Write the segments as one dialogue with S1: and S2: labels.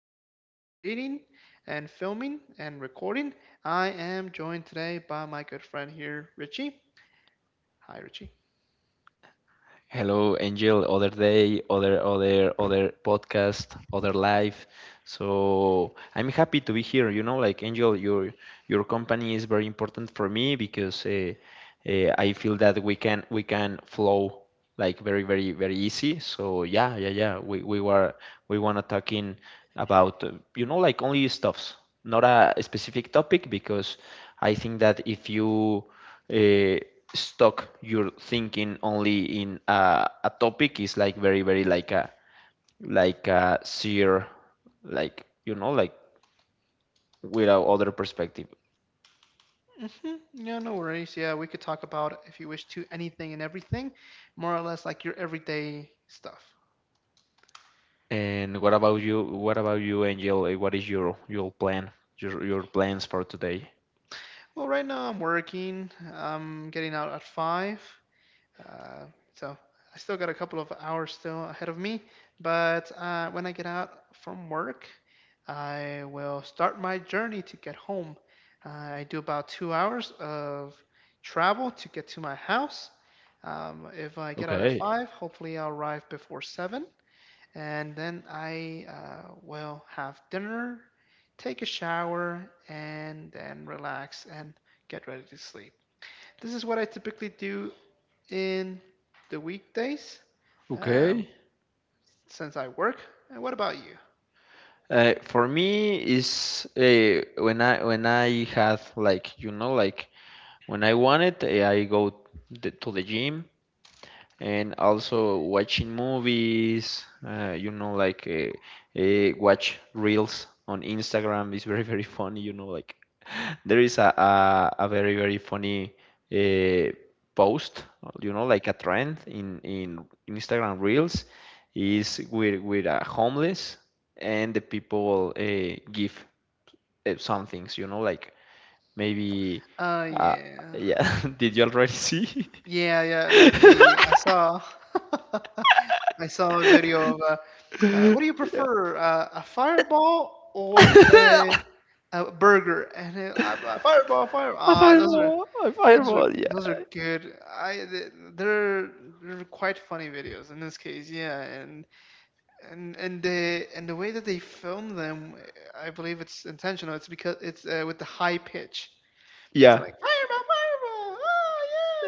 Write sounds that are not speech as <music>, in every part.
S1: podcast that we're creating and filming and recording. I am joined today by my good friend here, Richie. Hi, Richie.
S2: Hello, Angel. Other day, other podcast, other life. So I'm happy to be here. You know, like Angel, your company is very important for me because I feel that we can flow like very easy, so yeah, we were we want to talking about you know, like only stuffs, not a specific topic, because I think that if you uh, stuck your thinking only in a topic is like very like a seer, like you know, like without other perspective.
S1: Yeah, no worries. Yeah, we could talk about, if you wish to, anything and everything, more or less like your everyday stuff.
S2: And what about you? Angel, uh, what is your plans for today?
S1: Well, right now I'm working. I'm getting out at 5. Uh, so I still got a couple of hours still ahead of me, but when I get out from work, I will start my journey to get home. I do about 2 hours of travel to get to my house. If I get out at
S2: Okay.
S1: five, hopefully I'll arrive before seven, and then I will have dinner, take a shower, and then relax and get ready to sleep. This is what I typically do in the weekdays, um,
S2: Okay.
S1: since I work. And what about you?
S2: For me is when I had, like you know, like when I wanted, I go to the gym and also watching movies. Watch reels on Instagram is very funny. You know, like there is a very funny uh, post, you know, like a trend in Instagram Reels is with a homeless, and the people give some things, you know, like maybe,
S1: Oh
S2: uh,
S1: yeah,
S2: yeah, <laughs> did you already see?
S1: yeah, yeah.
S2: <laughs>
S1: Like the I saw, <laughs> I saw a video
S2: Yeah.
S1: of. What do you prefer, a fireball or
S2: <laughs>
S1: a burger? And then, fireball, fireball.
S2: A
S1: Ah, those are
S2: fireball, a
S1: those are
S2: fireball,
S1: those are
S2: yeah.
S1: good. They're quite funny videos in this case. Yeah, and and the way that they film them, I believe it's intentional. It's because it's with the high pitch. So
S2: Yeah.
S1: like fireball, fireball, oh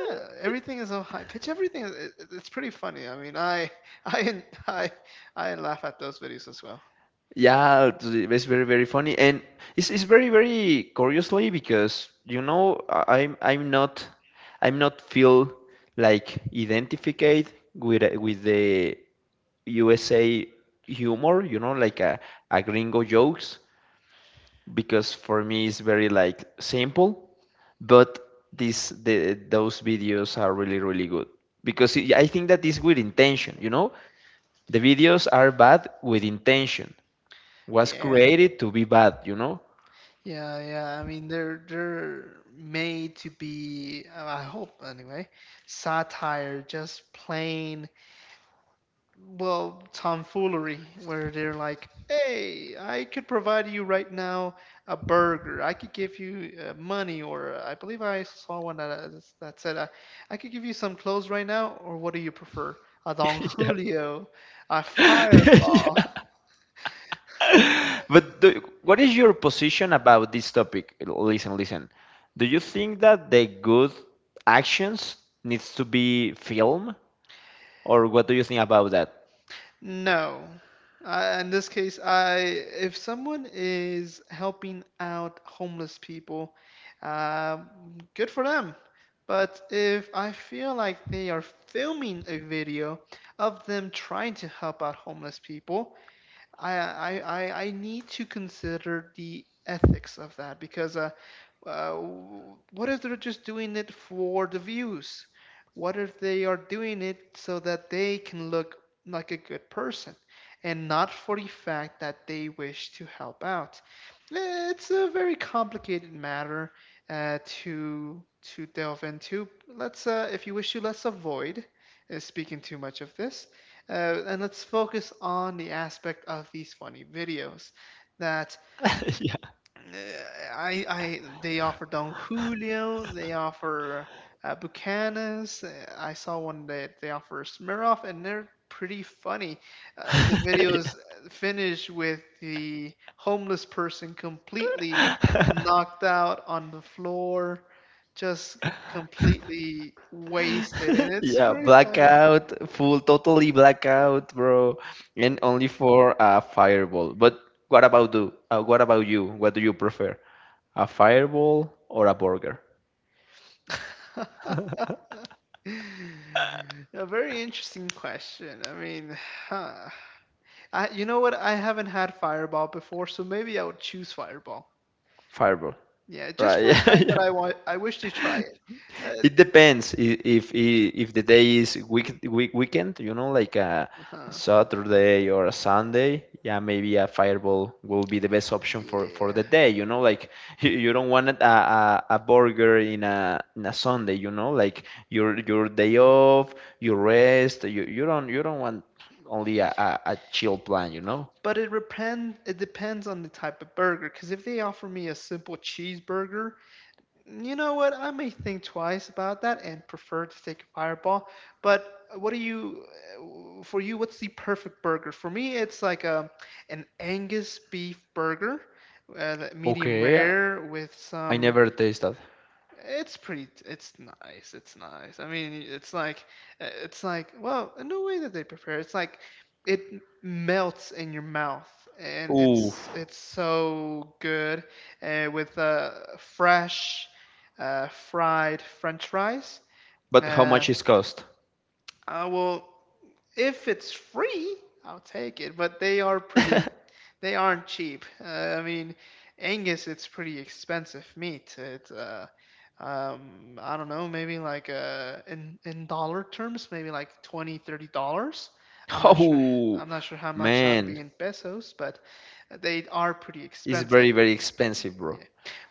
S1: yeah! Everything is so high pitch. Everything it's pretty funny. I mean, I <laughs> I I I laugh at those videos as well.
S2: Yeah, it's very funny, and it's very curiously because, you know, I'm not feel like identified with the USA humor, you know, like a gringo jokes, because for me it's very like simple, but this the those videos are really good because it, I think that is with intention, you know, the videos are bad with intention, was
S1: Yeah,
S2: created to be bad, you know?
S1: yeah, yeah. I mean, they're made to be. I hope anyway. Satire, just plain, well, tomfoolery where they're like, "Hey, I could provide you right now a burger. I could give you money, or I believe I saw one that that said, I could give you some clothes right now, or what do you prefer? A Don
S2: <laughs> Yeah.
S1: Julio, a
S2: <laughs>
S1: Fireball."
S2: Yeah. But do, what is your position about this topic? Listen, listen. Do you think that the good actions needs to be filmed, or what do you think about that?
S1: No. In this case, I if someone is helping out homeless people, um, good for them. But if I feel like they are filming a video of them trying to help out homeless people, I, I, I need to consider the ethics of that because uh, what if they're just doing it for the views? What if they are doing it so that they can look like a good person and not for the fact that they wish to help out? It's a very complicated matter uh, to to delve into. Let's, if you wish to, let's avoid speaking too much of this. And let's focus on the aspect of these funny videos that
S2: <laughs> Yeah.
S1: uh, I they offer Don Julio, they offer Buchanan's. I saw one that they offer Smirnoff, and they're pretty funny. The videos finish with the homeless person completely
S2: <laughs>
S1: knocked out on the floor, just completely wasted, and it's
S2: Yeah,
S1: very funny.
S2: blackout, full, totally blackout, bro, and only for a fireball. But what about you? What do you prefer, a fireball or a burger?
S1: <laughs> A very interesting question. I mean, huh. I, you know what? I haven't had Fireball before, so maybe I would choose Fireball.
S2: Fireball.
S1: Yeah, just
S2: Right. <laughs>
S1: for the
S2: Yeah.
S1: fact
S2: Yeah.
S1: that I wish to try it. Uh,
S2: It depends if if the day is weekend, you know, like a
S1: huh.
S2: Saturday or a Sunday, yeah, maybe a fireball will be the best option for the
S1: Yeah.
S2: day, you know, like <laughs> you don't want a burger in a Sunday, you know, like your day off, you rest, you you don't want only a chill plan, you know.
S1: But it depends on the type of burger. Because if they offer me a simple cheeseburger, you know what? I may think twice about that and prefer to take a fireball. But for you, what's the perfect burger? For me, it's like a, an Angus beef burger, that medium
S2: Okay,
S1: rare with
S2: I
S1: some,
S2: never taste that.
S1: it's pretty. It's nice. It's nice. I mean, it's like, it's like. Well, in the way that they prepare, it's like, it melts in your mouth, and
S2: Oof.
S1: it's so good, with fresh, fried French fries.
S2: But how
S1: Uh,
S2: much is cost?
S1: I will. If it's free, I'll take it, but
S2: <laughs>
S1: they aren't cheap. I mean, Angus, it's pretty expensive meat. I don't know, maybe like in dollar terms, maybe like 20, 30 dollars. I'm not sure.
S2: Oh
S1: I'm not sure how much that'd be
S2: man,
S1: in pesos, but they are pretty
S2: it's
S1: expensive.
S2: very expensive, bro.
S1: Yeah.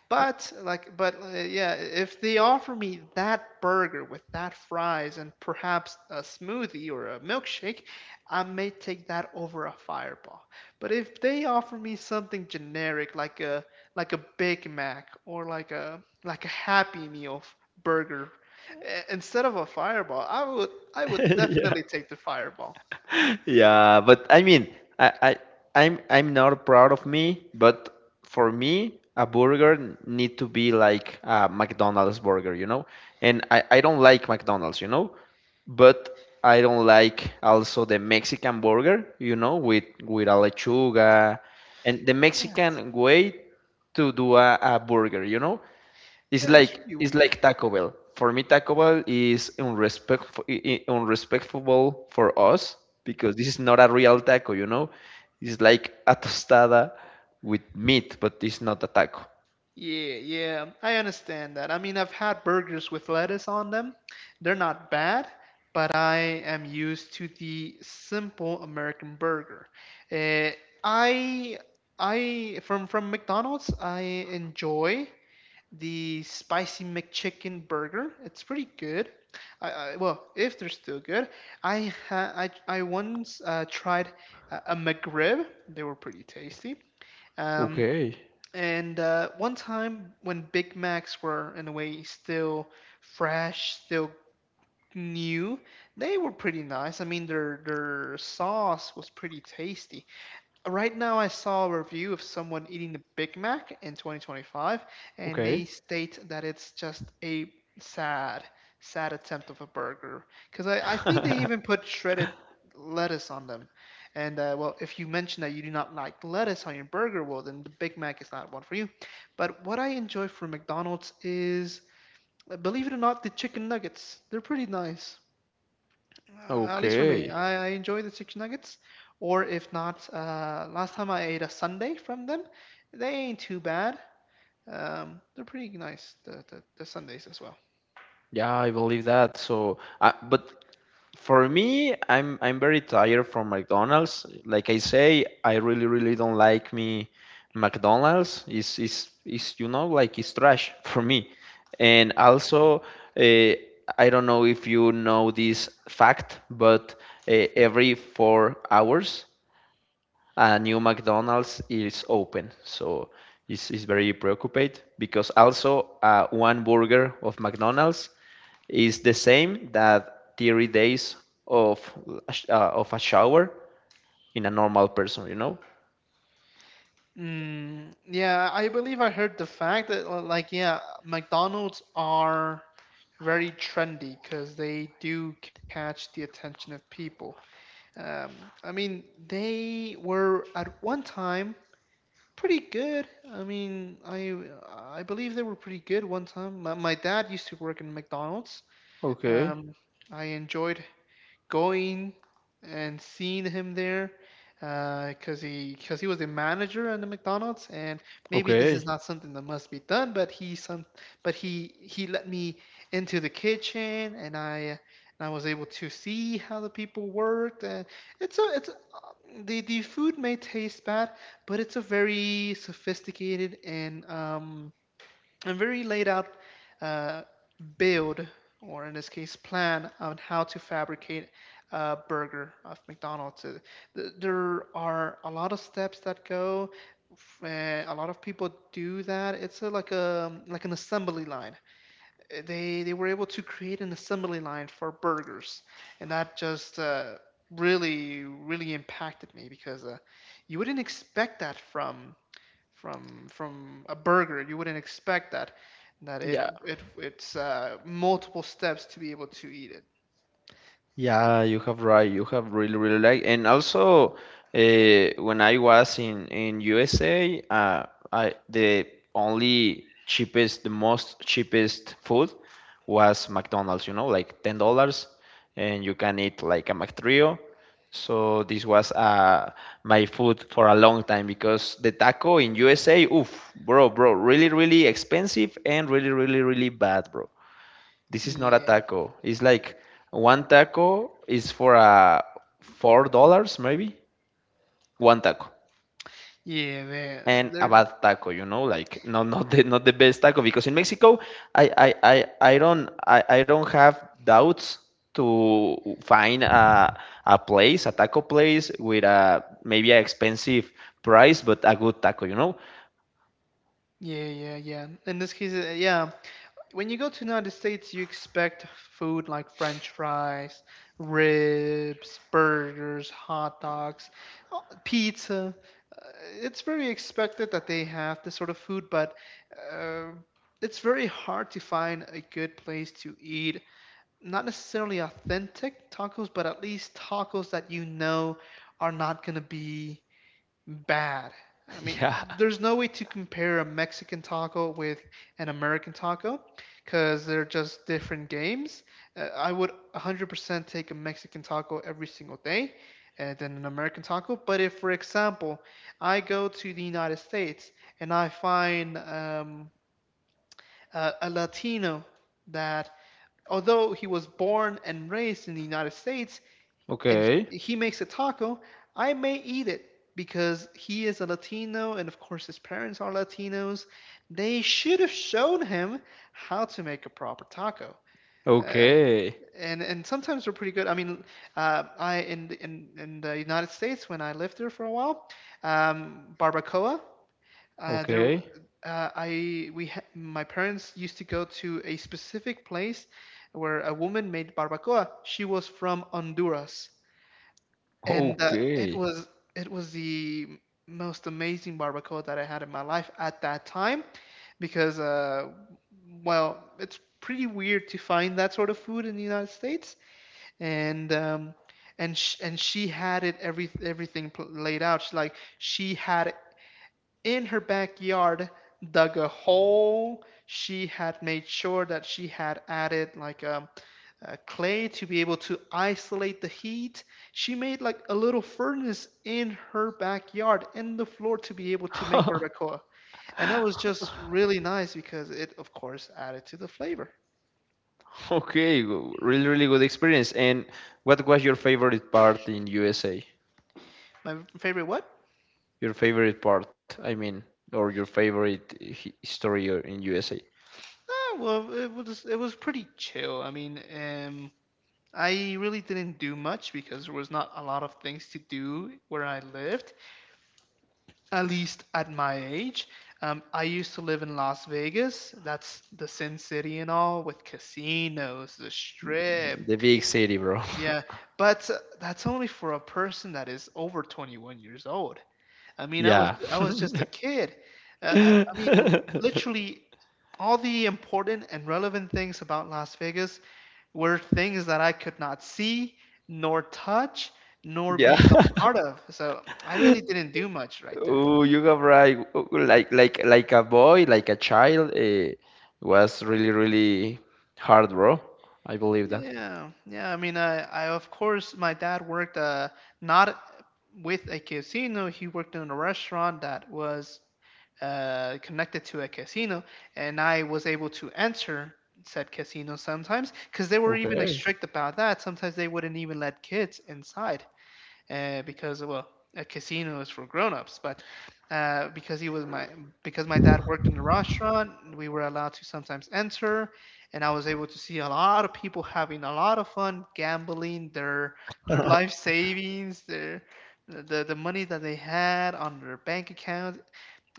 S1: But yeah, if they offer me that burger with that fries and perhaps a smoothie or a milkshake, I may take that over a fireball. But if they offer me something generic like a Big Mac or like a Happy Meal burger instead of a fireball, I
S2: <laughs>
S1: would
S2: Yeah,
S1: definitely take the fireball.
S2: yeah. But I mean, I, I I'm not proud of me, but for me, a need to be like a McDonald's burger, you know. And I don't like McDonald's, you know, but I don't like also the Mexican burger, you know, with a lechuga, and the
S1: Yes.
S2: Mexican way to do a burger, you know. It's
S1: Yeah, it's
S2: like
S1: really weird.
S2: Taco Bell. For me, Taco Bell is unrespectful for us, because this is not a real taco, you know. It's like a tostada with meat, but it's not a taco.
S1: Yeah, yeah, I understand that. I mean, I've had burgers with lettuce on them. They're not bad, but I am used to the simple American burger. Eh, I I From McDonald's, I enjoy the spicy McChicken burger. It's pretty good. I Well, if they're still good. I ha I once tried a McRib. They were pretty tasty. Um,
S2: Okay,
S1: and one time when Big Macs were, in a way, still fresh, still new, they were pretty nice. I mean, their sauce was pretty tasty. Right now, I saw a review of someone eating the Big Mac in 2025, and they
S2: okay,
S1: state that it's just a sad, sad attempt of a burger. Because I think they even
S2: <laughs>
S1: put shredded lettuce on them. And well, if you mention that you do not like lettuce on your burger, well, then the Big Mac is not one for you. But what I enjoy from McDonald's is, believe it or not, the chicken nuggets. They're pretty nice. At least for me,
S2: okay.
S1: I enjoy the chicken nuggets. Or if not, last time I ate a sundae from them, they ain't too bad. They're pretty nice, the sundaes as well.
S2: Yeah, I believe that. So, but for me, I'm very tired from McDonald's. Like I say, I really don't like me McDonald's. Is you know, like it's trash <laughs> for me. And also, uh, I don't know if you know this fact, but every 4 hours a new McDonald's is open. So it's very preoccupied because also one burger of McDonald's is the same that 3 days of of a shower in a normal person, you know.
S1: Mm, yeah, I believe I heard the fact that, yeah, McDonald's are very trendy because they do catch the attention of people. I mean, they were at one time pretty good. I mean, I believe they were pretty good one time. My dad used to work in McDonald's.
S2: Okay.
S1: Um, I enjoyed going and seeing him there because he was a manager at the McDonald's, and maybe this is
S2: Okay.
S1: not something that must be done, but he some, but he let me into the kitchen, and I was able to see how the people worked. And it's a, the food may taste bad, but it's a very sophisticated and a very laid out uh, build, or in this case, plan on how to fabricate a burger of McDonald's. There are a lot of steps that go. A lot of people do that. It's a like an assembly line. They were able to create an assembly line for burgers, and that just really really impacted me because you wouldn't expect that from a burger. You wouldn't expect that that it
S2: Yeah.
S1: it it's multiple steps to be able to eat it.
S2: Yeah, you have right. You have really, really, like, and also when I was in USA, I the only cheapest, the most cheapest food was McDonald's. You know, like $10, and you can eat like a McTrio. So this was my food for a long time, because the taco in USA, oof, bro, bro, really expensive and really bad, bro. This is not a taco. It's like one taco is for a $4, maybe one taco,
S1: Yeah, man.
S2: and a
S1: There.
S2: bad taco. You know, like no, <laughs> not the best taco, because in Mexico I I I, I don't have doubts to find a place, a taco place, with a maybe an expensive price, but a good taco. You know?
S1: Yeah, yeah, yeah. In this case, yeah. When you go to United States, you expect food like French fries, ribs, burgers, hot dogs, uh, pizza. It's very expected that they have this sort of food, but uh, it's very hard to find a good place to eat not necessarily authentic tacos, but at least tacos that you know are not going to be bad. I
S2: <laughs>
S1: mean,
S2: Yeah.
S1: there's no way to compare a Mexican taco with an American taco because they're just different games. I would 100% take a Mexican taco every single day than an American taco. But if, for example, I go to the United States and I find a Latino that, although he was born and raised in the United States, and
S2: Okay.
S1: he makes a taco, I may eat it because he is a Latino and of course his parents are Latinos. They should have shown him how to make a proper taco. Uh,
S2: Okay.
S1: and sometimes they're pretty good. I mean, I in the United States when I lived there for a while, barbacoa there, w-
S2: Okay.
S1: I we my parents used to go to a specific place where a woman made barbacoa. She was from Honduras, and it
S2: Okay.
S1: was the most amazing barbacoa that I had in my life at that time because well, it's pretty weird to find that sort of food in the United States, and and she had it everything laid out. She, like she had in her backyard dug a hole. She had made sure that she had added like a clay to be able to isolate the heat. She made like a little furnace in her backyard in the floor to be able to make
S2: <laughs>
S1: barbacoa, and that was just really nice because it of course added to the flavor.
S2: Okay, really, really good experience. And what was your favorite part in USA?
S1: My favorite what?
S2: Your favorite part, I mean, or your favorite story in USA?
S1: Well, it was pretty chill. I really didn't do much because there was not a lot of things to do where I lived, at least at my age. I used to live in Las Vegas. That's the Sin City and all, with casinos, the strip.
S2: The big city, bro. <laughs>
S1: Yeah, but that's only for a person that is over 21 years old. I mean, I was
S2: Yeah.
S1: I was just a kid. I mean,
S2: <laughs>
S1: literally, all the important and relevant things about Las Vegas were things that I could not see, nor touch, nor
S2: Yeah.
S1: be a
S2: <laughs>
S1: part of. So I really didn't do much, right?
S2: Oh, you got right. Oh, like a boy, like a child, was really hard, bro. I believe that.
S1: Yeah, yeah. I mean, I, of course, my dad worked not with a casino. He worked in a restaurant that was connected to a casino, and I was able to enter said casino sometimes because they were even strict about that. Sometimes they wouldn't even let kids inside because well, a casino is for grown-ups, but uh, because he was my because my dad worked in a restaurant, we were allowed to sometimes enter, and I was able to see a lot of people having a lot of fun gambling their life savings, their the money that they had on their bank account.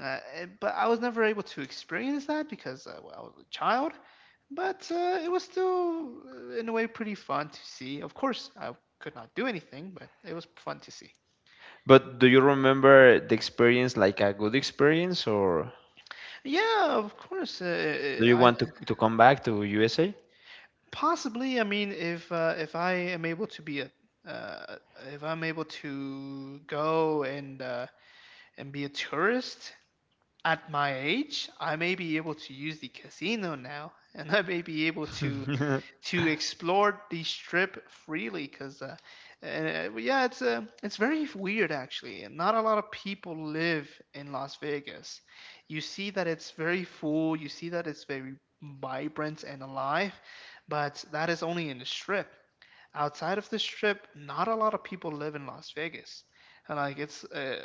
S1: But I was never able to experience that because well, I was a child. But it was still, in a way, pretty fun to see. Of course, I could not do anything, but it was fun to see.
S2: But do you remember the experience, like a good experience, or?
S1: Yeah, of course.
S2: Do you
S1: I
S2: want to come back to USA?
S1: possibly. I mean, if I am able to be a uh, if I'm able to go and be a tourist at my age, I may be able to use the casino now, and I may be able to
S2: <laughs>
S1: explore the strip freely because well, yeah, it's very weird actually, and not a lot of people live in Las Vegas. You see that it's very full, you see that it's very vibrant and alive, but that is only in the strip. Outside of the Strip, not a lot of people live in Las Vegas. And like it's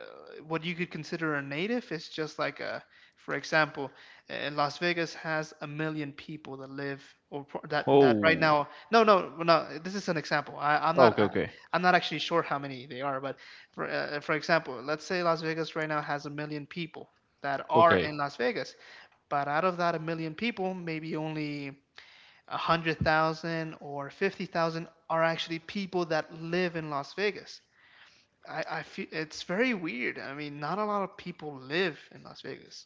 S1: what you could consider a native is just like a, for example, Las Vegas has 1 million people that live that that right
S2: Oh,
S1: now. No, no, no. This is an example.
S2: okay, okay,
S1: I'm not actually sure how many they are, but for example, let's say Las Vegas right now has 1 million people that are
S2: okay,
S1: in Las Vegas, but out of that 1 million people, maybe only a hundred thousand or fifty thousand are actually people that live in Las Vegas. I feel it's very weird. I mean, not a lot of people live in Las Vegas,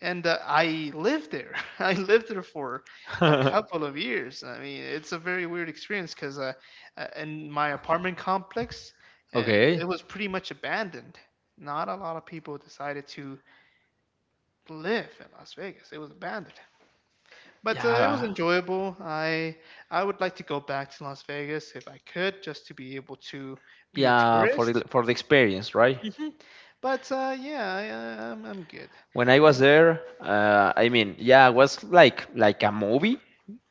S1: and I lived there. <laughs> I lived there for a
S2: <laughs>
S1: couple of years. I mean, it's a very weird experience because in my apartment complex, uh,
S2: okay.
S1: it was pretty much abandoned. Not a lot of people decided to live in Las Vegas. It was abandoned. But it was
S2: Yeah,
S1: enjoyable. I would like to go back to Las Vegas if I could, just to be able to be a
S2: yeah. For
S1: tourist.
S2: for the experience, right?
S1: Hmm. But yeah, I'm good.
S2: When I was there, I mean, yeah, it was like a movie,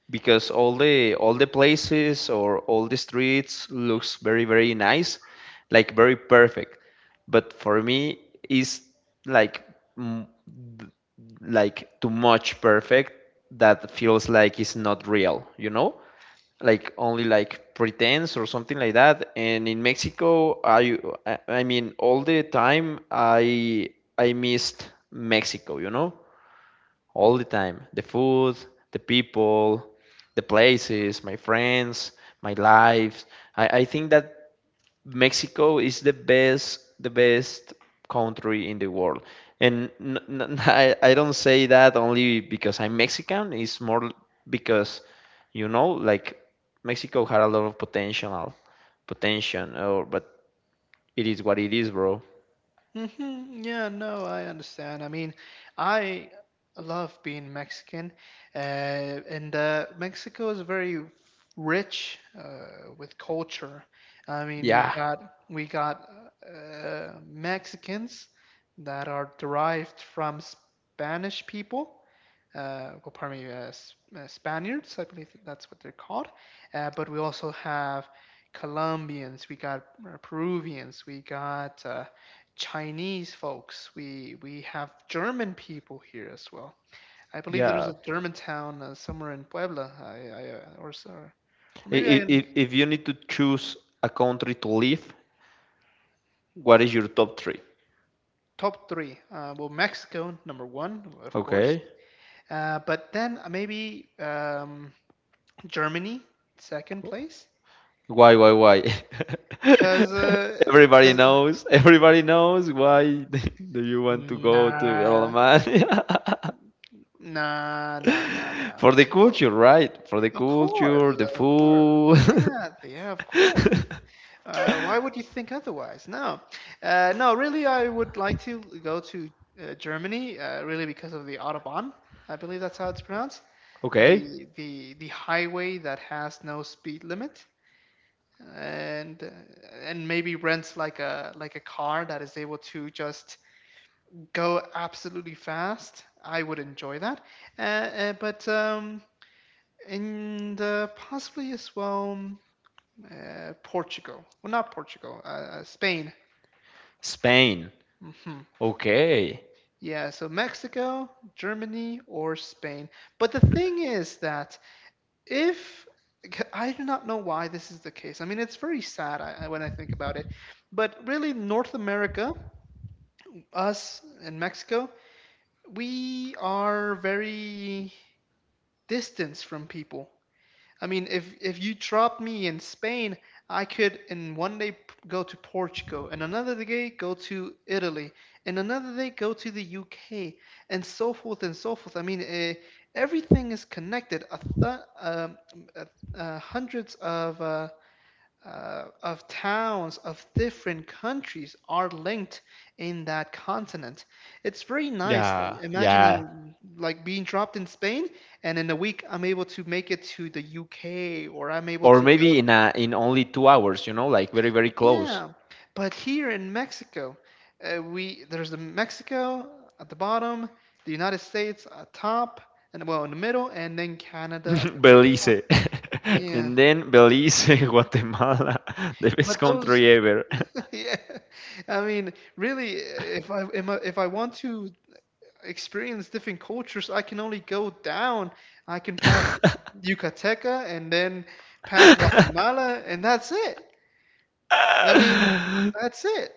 S2: because all the places or all the streets looks very nice, like very perfect. But for me, it's like mm, like too much perfect, that feels like it's not real, you know? Like only like pretense or something like that. And in Mexico, I all the time I missed Mexico, you know? All the time. The food, the people, the places, my friends, my lives. I think that Mexico is the best country in the world. And n n <laughs> I don't say that only because I'm Mexican. It's more because, you know, like Mexico had a lot of potential, potential, or but it is what it is, bro.
S1: Hmm. Yeah, no, I understand. I mean, I love being Mexican, and Mexico is very rich with culture. I mean, we
S2: Yeah,
S1: got we got uh, Mexicans that are derived from Spanish people, well, pardon me, Spaniards, I believe that's what they're called. But we also have Colombians, we got Peruvians, we got Chinese folks, we have German people here as well. I believe there's
S2: yeah.
S1: a German town somewhere in Puebla, I, or, s- or maybe I
S2: If,
S1: am.
S2: if you need to choose a country to live, what is your top three?
S1: Top three. Well, Mexico number one, of course.
S2: Okay.
S1: But then maybe Germany second place,
S2: Why, why? <laughs> Everybody
S1: because
S2: knows. Everybody knows why. <laughs> Do you want to go to
S1: nah,
S2: Alemania?
S1: nah, no, no,
S2: <laughs>
S1: no.
S2: For the
S1: Well,
S2: culture, right? For the
S1: of course,
S2: culture, the
S1: of course.
S2: food.
S1: Yeah, yeah, of course.
S2: <laughs>
S1: Why would you think otherwise? No, no. Really, I would like to go to Germany. Really, because of the Autobahn. I believe that's how it's pronounced.
S2: Okay.
S1: The highway that has no speed limit, and uh, and maybe rents like a car that is able to just go absolutely fast. I would enjoy that. But And possibly as well, Portugal. Well, not Portugal, Spain.
S2: Spain.
S1: Hmm.
S2: Okay.
S1: Yeah, so Mexico, Germany, or Spain. But the thing is that if I do not know why this is the case. I mean, it's very sad. When I think about it. But really, North America, us and Mexico, we are very distance from people. I mean, if you drop me in Spain, I could in one day go to Portugal, and another day go to Italy, and another day go to the UK, and so forth and so forth. I mean, everything is connected. Um, uh, Hundreds of towns of different countries are linked in that continent. It's very nice. Like
S2: Yeah, yeah.
S1: imagining like being dropped in Spain, and in a week I'm able to make it to the UK, or I'm able
S2: Or
S1: to go.
S2: maybe in a, in only 2 hours, you know, like very, very close.
S1: Yeah, but here in Mexico, we there's the Mexico at the bottom, the United States at top, and well in the middle, and then Canada at the
S2: <laughs>
S1: very top.
S2: Belize. <laughs>
S1: Yeah,
S2: And then Belize, <laughs> Guatemala, the
S1: but
S2: best
S1: those
S2: country ever.
S1: yeah, <laughs> I mean, really, if I want to experience different cultures, I can only go down. I can pass
S2: <laughs>
S1: Yucateca, and then
S2: <laughs>
S1: pass
S2: uh,
S1: Guatemala, and that's it. I mean, that's it.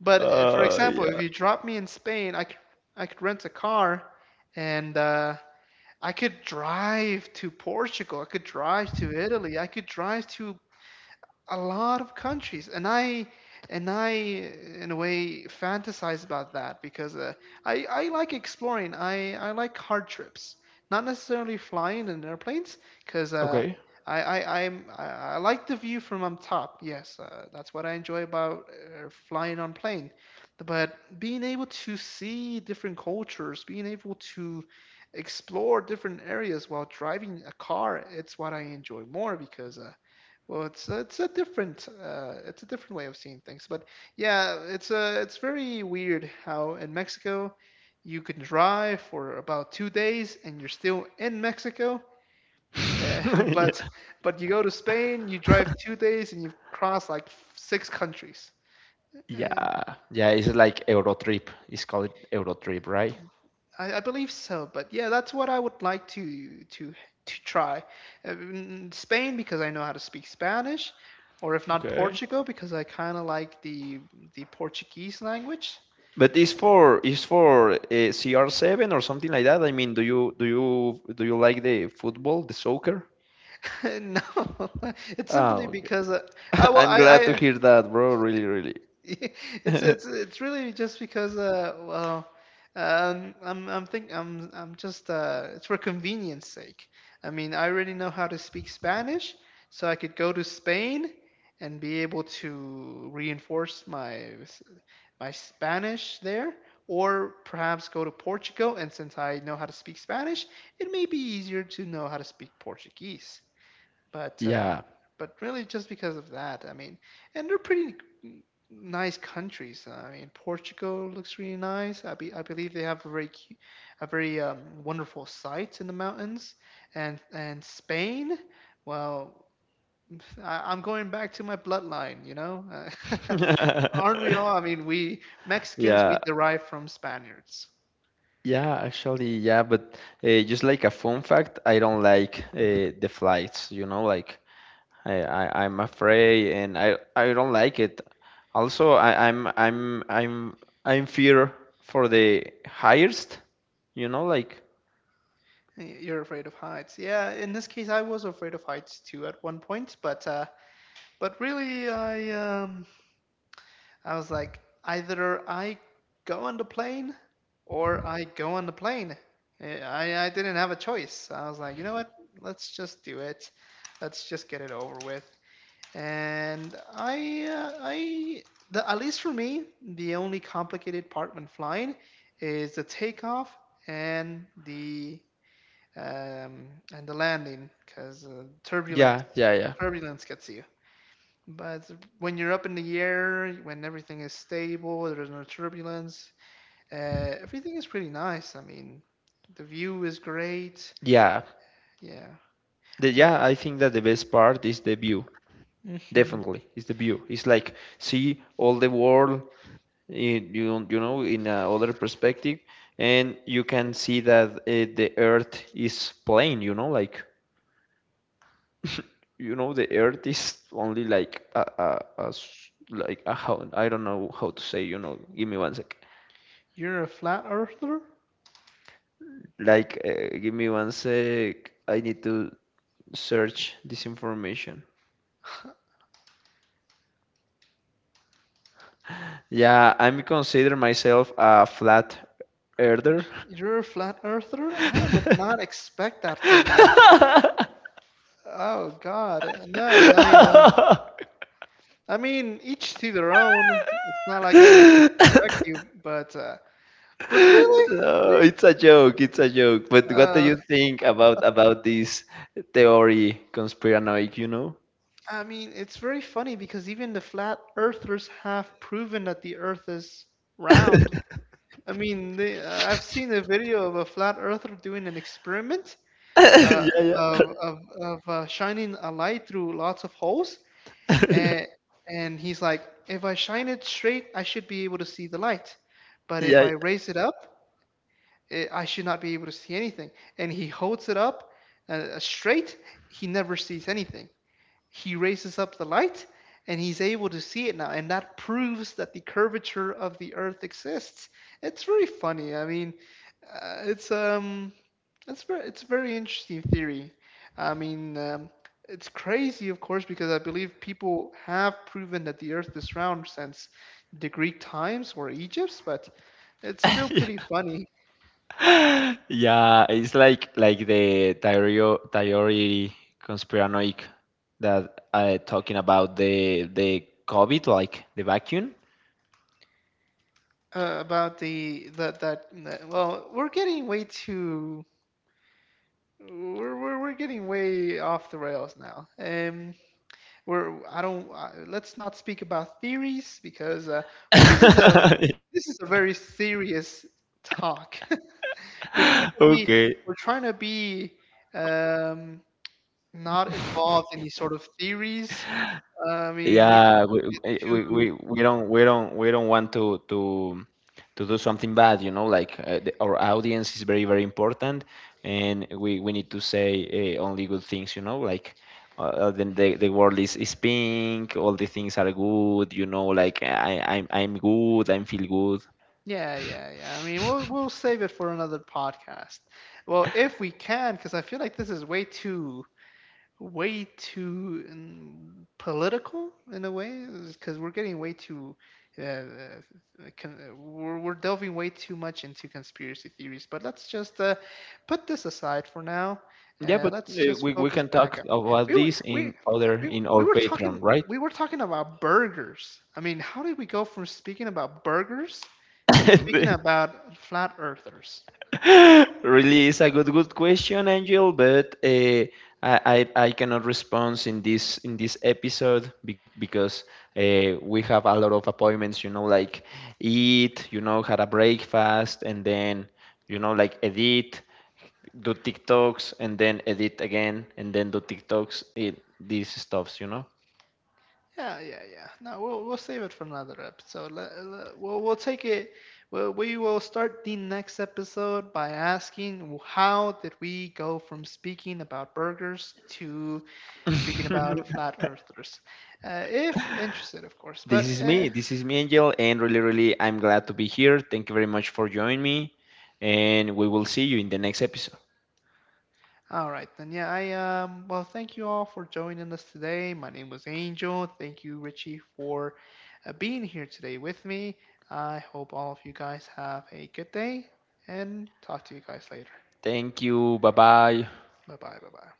S1: But for example, if
S2: yeah.
S1: you drop me in Spain, I could rent a car, and I could drive to Portugal. I could drive to Italy. I could drive to a lot of countries. And I in a way fantasize about that because I like exploring. I like hard trips, not necessarily flying in airplanes, because
S2: Okay.
S1: I like the view from up top, yes. That's what I enjoy about flying on plane. But being able to see different cultures, being able to explore different areas while driving a car, it's what I enjoy more, because well, it's it's a different way of seeing things. But yeah, it's very weird how in Mexico you can drive for about two days and you're still in Mexico. Uh, <laughs>
S2: <laughs>
S1: but
S2: Yeah.
S1: but you go to Spain, you drive
S2: <laughs>
S1: two days and you've crossed like 6 countries. And
S2: Yeah. Yeah, it's like Eurotrip. It's called Eurotrip, right?
S1: I believe so, but yeah, that's what I would like to to try. Spain because I know how to speak Spanish, or if not
S2: Okay.
S1: Portugal because I kind of like the Portuguese language.
S2: But it's for CR7 or something like that. I mean, do you like the football, the soccer?
S1: <laughs> No, <laughs> it's
S2: Ah,
S1: simply
S2: okay.
S1: because
S2: <laughs>
S1: well,
S2: I'm glad to
S1: I
S2: hear that, bro. Really, really.
S1: <laughs> It's
S2: <laughs>
S1: it's really just because well I'm think I'm just it's for convenience sake. I mean, I already know how to speak Spanish, so I could go to Spain and be able to reinforce my Spanish there, or perhaps go to Portugal, and since I know how to speak Spanish, it may be easier to know how to speak Portuguese. But
S2: Yeah.
S1: but really just because of that. I mean, and they're pretty n- nice countries. I mean, Portugal looks really nice. I believe they have a very wonderful sites in the mountains. And Spain, well, I'm going back to my bloodline, you know. <laughs> Aren't we all? I mean, we Mexicans,
S2: <laughs>
S1: we
S2: Yeah.
S1: derive from Spaniards.
S2: Yeah, actually, yeah, but just like a fun fact, I don't like the flights, you know, like I'm afraid and I don't like it. Also, I, I'm fear for the highest, you know, like
S1: Y- You're afraid of heights. Yeah, in this case, I was afraid of heights too at one point, but but really, I was like, either I go on the plane or I go on the plane. Eh, I didn't have a choice. I was like, you know what? Let's just do it. Let's just get it over with. And I the at least for me, the only complicated part when flying is the takeoff and the um, and the landing, because uh,
S2: yeah,
S1: turbulence
S2: yeah, yeah.
S1: turbulence gets you. But when you're up in the air, when everything is stable, there's no turbulence, everything is pretty nice. I mean, the view is great.
S2: Yeah.
S1: Yeah.
S2: The,
S1: But
S2: yeah, I think that the best part is the view.
S1: <laughs> mhm.
S2: Definitely, it's the view. It's like see all the world you know, in a other perspective, and you can see that the earth is plain, you know, like you know the earth is only like like a, how I don't know how to say, you know, give me one sec.
S1: You're a flat earther?
S2: Like give me one sec, I need to search this information.
S1: <laughs>
S2: Yeah, I'm consider myself a flat earther.
S1: You're a flat earther? I would not expect that from you.
S2: <laughs>
S1: Oh God, no. I mean, each to their own. It's not like I would disrespect you,
S2: <laughs>
S1: but really,
S2: No,
S1: You-
S2: it's a joke. It's a joke. But what do
S1: uh,
S2: you think about this theory, conspiranoic? You know?
S1: I mean, it's very funny because even the flat earthers have proven that the earth is round.
S2: <laughs>
S1: I mean, I've seen a video of a flat earther doing an experiment
S2: Yeah,
S1: uh,
S2: yeah,
S1: of shining a light through lots of holes.
S2: <laughs>
S1: And, and he's like, if I shine it straight, I should be able to see the light. But if
S2: yeah,
S1: I
S2: yeah.
S1: raise it up, I should not be able to see anything. And he holds it up straight, he never sees anything. He raises up the light, and he's able to see it now, and that proves that the curvature of the earth exists. It's very funny. I mean, uh, it's um it's very, it's a very interesting theory. i mean um, it's crazy, of course, because I believe people have proven that the earth is round since the Greek times or Egypt's, but it's still pretty
S2: <laughs>
S1: funny.
S2: Yeah, it's like the theory conspiranoic that I talking about the COVID, like the vacuum.
S1: About the that, that that well We're getting way too we're getting way off the rails now. We're I don't let's not speak about theories because well
S2: <laughs>
S1: this is a very serious talk. <laughs> we're trying to be
S2: Okay,
S1: we're trying to be um, not involved in these sort of theories. I
S2: yeah,
S1: mean, we
S2: we eh,
S1: don't get too
S2: we don't want to to do something bad, you know, like the, our audience is very important, and we need to say only good things, you know, like then the world is pink, all the things are good, you know, like I'm good, I feel good.
S1: yeah yeah yeah. I mean, we'll
S2: <laughs>
S1: save it for another podcast. Well, if we can, because I feel like this is way too political in a way, because we're getting way too uh, uh, we're delving way too much into conspiracy theories. But let's just put this aside for now.
S2: Yeah, but
S1: Let's just
S2: we
S1: focus
S2: can
S1: back
S2: talk
S1: on
S2: about
S1: we were
S2: this
S1: we,
S2: in other
S1: we
S2: in
S1: we
S2: our
S1: were
S2: Patreon,
S1: talking
S2: right?
S1: we were talking about burgers. I mean, how did we go from speaking about burgers to speaking
S2: <laughs>
S1: about flat earthers?
S2: <laughs> Really is a good question, Angel, but I, I cannot respond in this episode because we have a lot of appointments. You know, like eat, you know, had a breakfast, and then you know, like edit, do TikToks, and then edit again, and then do TikToks. It, these stuffs, you know.
S1: Yeah, yeah, yeah. No, we'll save it for another episode. We'll take it. Well, we will start the next episode by asking, how did we go from speaking about burgers to speaking about
S2: <laughs>
S1: flat earthers, if interested, of course.
S2: This
S1: But
S2: is me. This is me, Angel, and really, really, I'm glad to be here. Thank you very much for joining me, and we will see you in the next episode.
S1: all right, then. Yeah, I well, thank you all for joining us today. My name was Angel. Thank you, Richie, for being here today with me. I hope all of you guys have a good day, and talk to you guys later.
S2: Thank you. Bye bye.
S1: Bye-bye. Bye-bye.